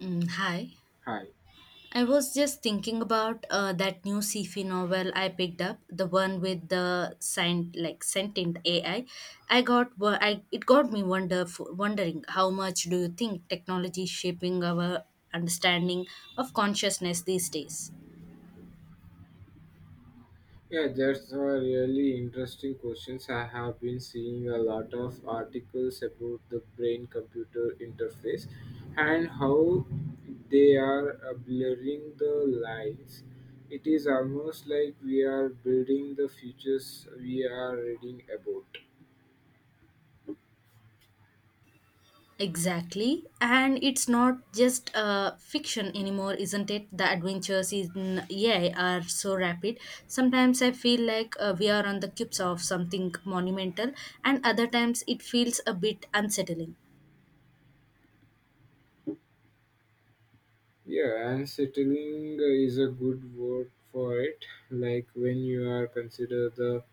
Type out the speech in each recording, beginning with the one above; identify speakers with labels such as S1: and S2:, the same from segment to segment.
S1: Mm, hi.
S2: Hi.
S1: I was just thinking about that new sci-fi novel I picked up, the one with the scient like sentient AI. I got wo- I it got me wonderful wondering, how much do you think technology is shaping our understanding of consciousness these days?
S2: Yeah, that's a really interesting questions. I have been seeing a lot of articles about the brain-computer interface and how they are blurring the lines. It is almost like we are building the futures we are reading about.
S1: Exactly. And it's not just fiction anymore, isn't it? The adventures in AI are so rapid. Sometimes I feel like we are on the cusp of something monumental, and other times it feels a bit unsettling.
S2: Yeah, and settling is a good word for it. Like when you are consider the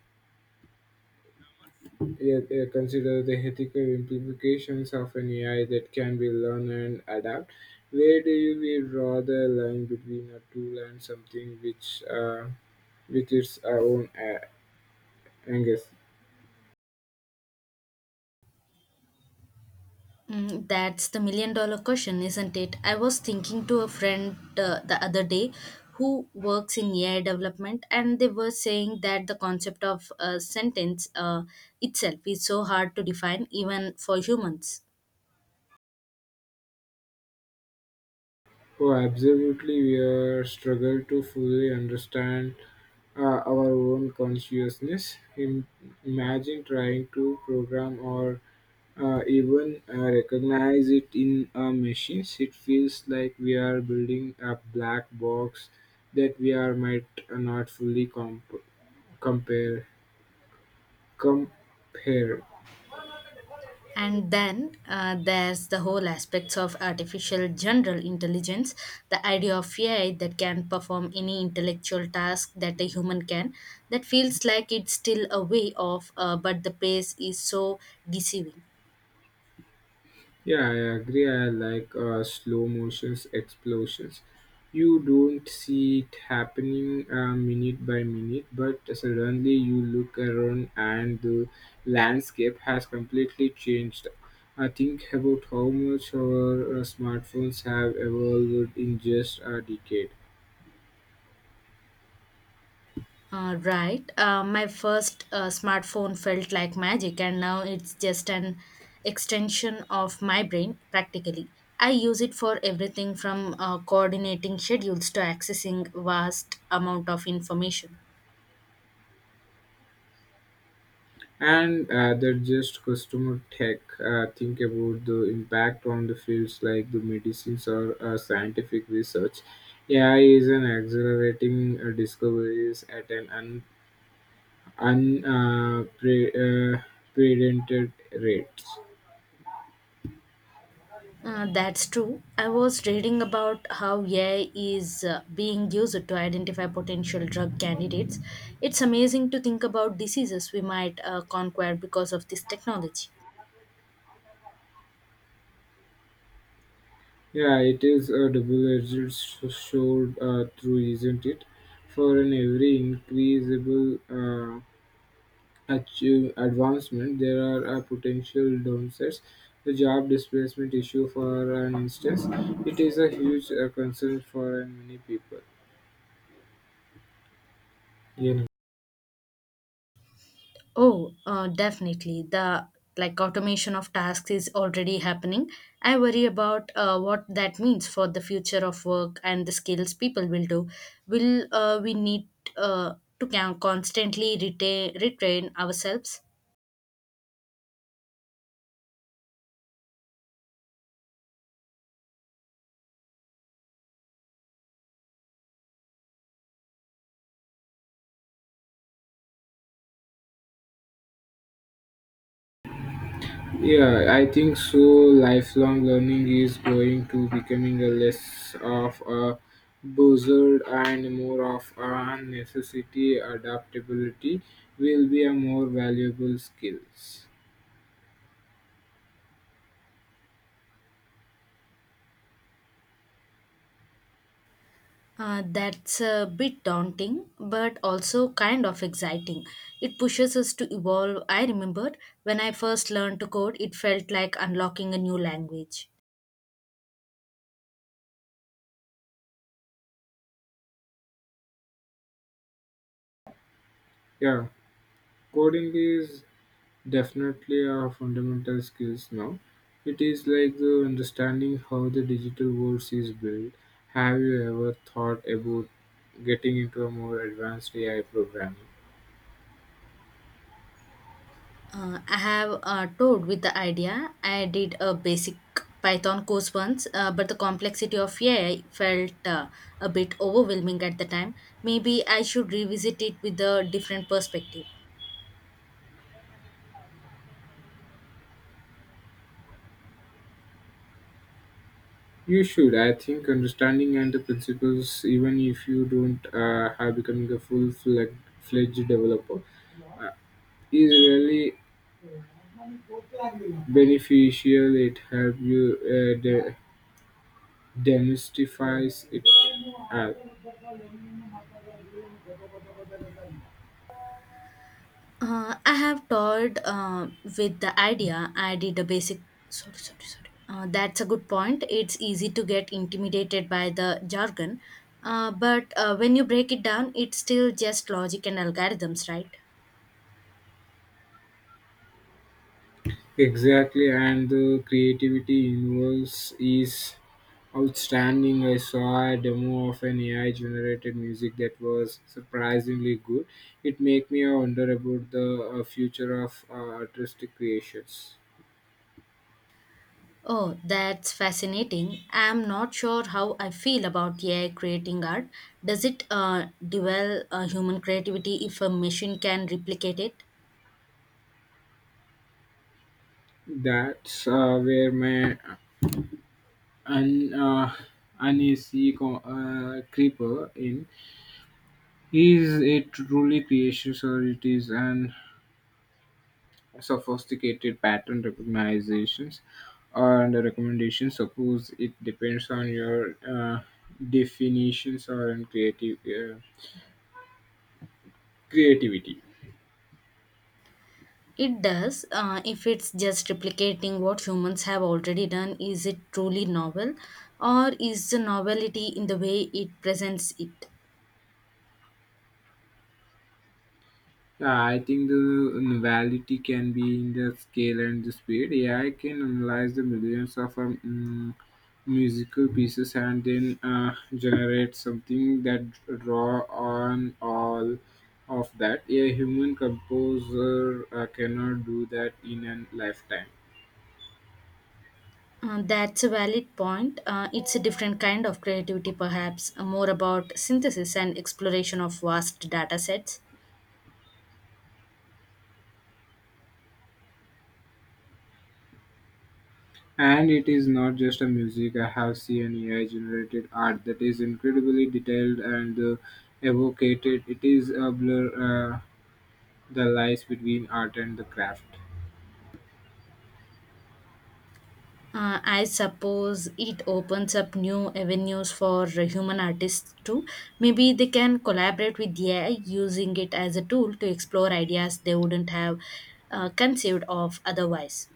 S2: Consider the ethical implications of an AI that can be learned and adapt. Where do you will draw the line between a tool and something with its own angst?
S1: Mm, that's the million dollar question, isn't it? I was thinking to a friend the other day who works in AI development, and they were saying that the concept of a sentence itself is so hard to define, even for humans.
S2: Oh, absolutely. We are struggle to fully understand our own consciousness. Imagine trying to program or even recognize it in machines. It feels like we are building a black box that we are might not fully compare compare.
S1: And then there's the whole aspects of artificial general intelligence, the idea of AI that can perform any intellectual task that a human can. That feels like it's still a way off, but the pace is so deceiving.
S2: Yeah, I agree. I like slow motions explosions. You don't see it happening minute by minute, but suddenly you look around and the landscape has completely changed. I think about how much our smartphones have evolved in just a decade.
S1: Right. My first smartphone felt like magic, and now it's just an extension of my brain practically. I use it for everything from coordinating schedules to accessing vast amount of information.
S2: And that just customer tech think about the impact on the fields like the medicines or scientific research. AI is an accelerating discoveries at an un uh, pre, uh, predented rates.
S1: That's true. I was reading about how AI is being used to identify potential drug candidates. It's amazing to think about diseases we might conquer because of this technology.
S2: Yeah, it is a double-edged sword through, isn't it? For an every increasable achieve advancement, there are potential downsides. The job displacement issue, for an instance, it is a huge concern for many people. You know.
S1: Oh, definitely. The like automation of tasks is already happening. I worry about what that means for the future of work and the skills people will do. Will we need to constantly retain retrain ourselves?
S2: Yeah, I think so. Lifelong learning is going to becoming a less of a buzzard and more of a necessity. Adaptability will be a more valuable skills.
S1: That's a bit daunting, but also kind of exciting. It pushes us to evolve. I remembered when I first learned to code, it felt like unlocking a new language.
S2: Yeah, coding is definitely are fundamental skills now. It is like the understanding how the digital world is built. Have you ever thought about getting into a more advanced AI programming?
S1: I have toyed with the idea. I did a basic Python course once, but the complexity of AI felt a bit overwhelming at the time. Maybe I should revisit it with a different perspective.
S2: You should. I think understanding and the principles, even if you don't have becoming a full-fledged fledged developer, uh, is really beneficial. It helps you demystifies it. Uh,
S1: I have toyed with the idea. I did a basic. Sorry, sorry, sorry. That's a good point. It's easy to get intimidated by the jargon, but when you break it down, it's still just logic and algorithms, right?
S2: Exactly, and the creativity involved is outstanding. I saw a demo of an AI generated music that was surprisingly good. It made me wonder about the future of artistic creations.
S1: Oh, that's fascinating. I'm not sure how I feel about AI creating art. Does it develop human creativity if a machine can replicate it?
S2: That's where my un, uh, uneasy creeper in. Is it truly creations or it is an sophisticated pattern recognitions and recommendation. Suppose it depends on your definitions or on creative creativity.
S1: It does. If it's just replicating what humans have already done, is it truly novel? Or is the novelty in the way it presents it?
S2: Yeah, I think the novelty can be in the scale and the speed. AI can analyze the millions of musical pieces and then generate something that draw on all of that. A human composer cannot do that in a lifetime.
S1: That's a valid point. It's a different kind of creativity, perhaps, more about synthesis and exploration of vast data sets.
S2: And it is not just a music. I have seen AI generated art that is incredibly detailed and evocated. It is a blur uh, the lies between art and the craft.
S1: I suppose it opens up new avenues for human artists too. Maybe they can collaborate with AI using it as a tool to explore ideas they wouldn't have conceived of otherwise.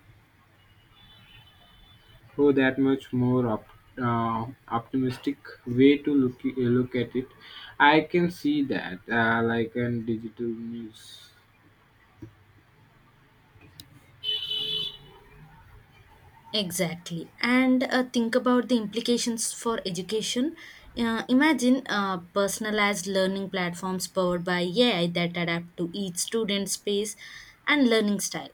S2: Oh, that much more optimistic way to look at it. I can see that, like in digital news.
S1: Exactly. And think about the implications for education. Imagine personalized learning platforms powered by AI that adapt to each student's pace and learning style.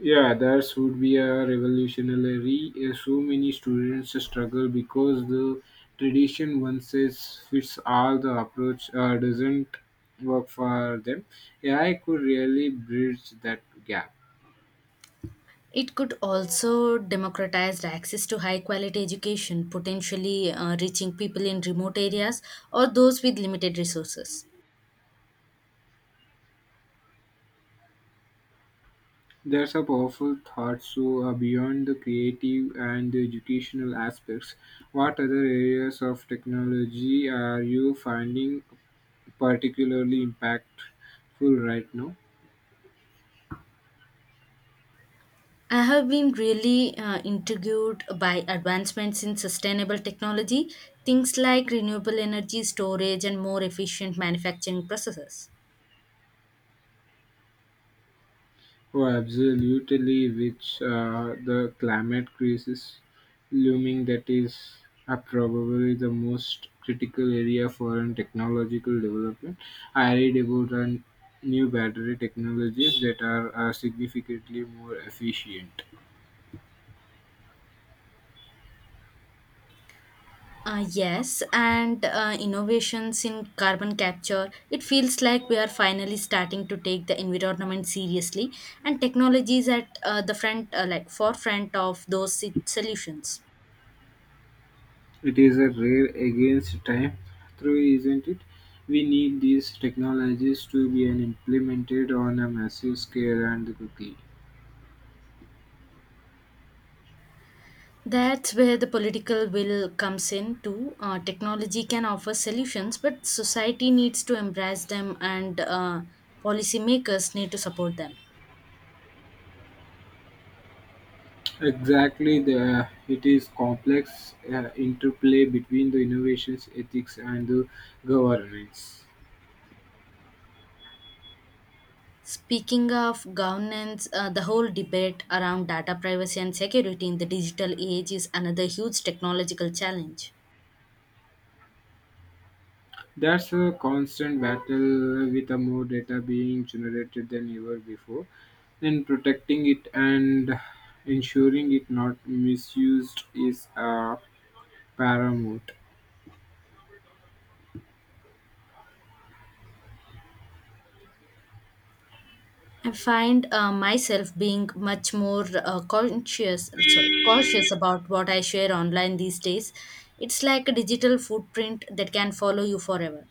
S2: Yeah, that would be a revolutionary. So many students struggle because the tradition one size fits all the approach doesn't work for them. Yeah, I could really bridge that gap.
S1: It could also democratize the access to high quality education, potentially reaching people in remote areas or those with limited resources.
S2: That's a powerful thought. So beyond the creative and the educational aspects, what other areas of technology are you finding particularly impactful right now?
S1: I have been really intrigued by advancements in sustainable technology, things like renewable energy storage and more efficient manufacturing processes.
S2: Oh, absolutely, which the climate crisis looming that is probably the most critical area for an technological development. I read about an new battery technologies that are significantly more efficient.
S1: Yes, and innovations in carbon capture. It feels like we are finally starting to take the environment seriously, and technology is at the front, like forefront of those solutions.
S2: It is a rare against time through, isn't it? We need these technologies to be an implemented on a massive scale and quickly.
S1: That's where the political will comes in too. Technology can offer solutions, but society needs to embrace them, and policymakers need to support them.
S2: Exactly, it is complex interplay between the innovations, ethics, and the governance.
S1: Speaking of governance, the whole debate around data privacy and security in the digital age is another huge technological challenge.
S2: That's a constant battle with a more data being generated than ever before, and protecting it and ensuring it not misused is paramount.
S1: I find myself being much more cautious about what I share online these days. It's like a digital footprint that can follow you forever.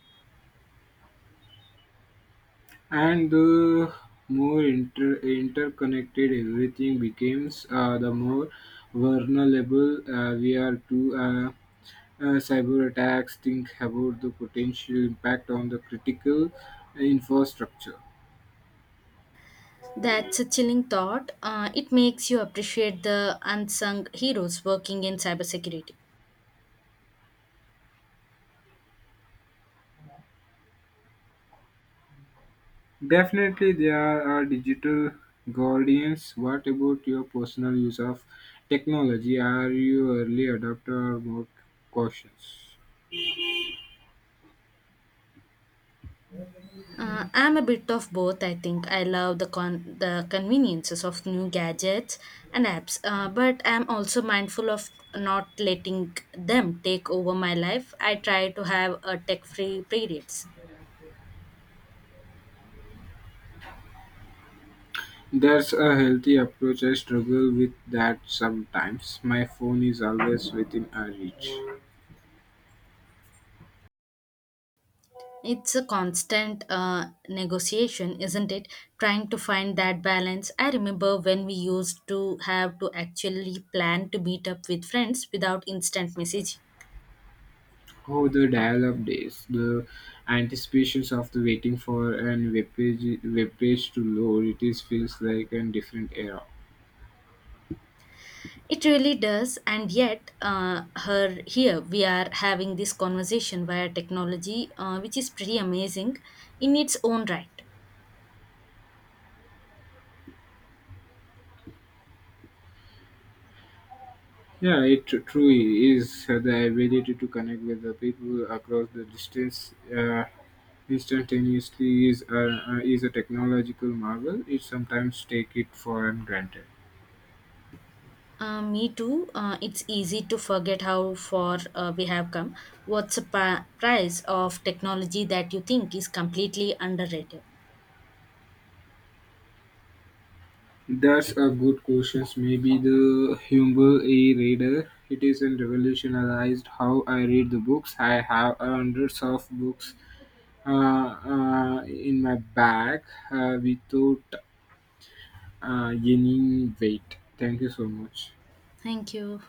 S2: And the more interconnected everything becomes, the more vulnerable we are to cyber attacks. Think about the potential impact on the critical infrastructure.
S1: That's a chilling thought. It makes you appreciate the unsung heroes working in cybersecurity.
S2: Definitely, there are digital guardians. What about your personal use of technology? Are you early adopter or more cautious?
S1: I'm a bit of both. I think I love the conveniences of new gadgets and apps, but I'm also mindful of not letting them take over my life. I try to have a tech-free periods.
S2: That's a healthy approach. I struggle with that sometimes. My phone is always within our reach.
S1: It's a constant negotiation, isn't it? Trying to find that balance. I remember when we used to have to actually plan to meet up with friends without instant messaging.
S2: How the dial-up the anticipations of the waiting for an web page to load, it is feels like a different era.
S1: It really does, and yet, here we are having this conversation via technology, which is pretty amazing in its own right.
S2: Yeah, it truly is the ability to connect with the people across the distance instantaneously is is a technological marvel. It sometimes take it for granted.
S1: Me too. It's easy to forget how far we have come. What's the price of technology that you think is completely underrated?
S2: That's a good question. Maybe the humble e-reader. It is and revolutionized how I read the books. I have hundreds of books in my bag without any weight. Thank you so much.
S1: Thank you.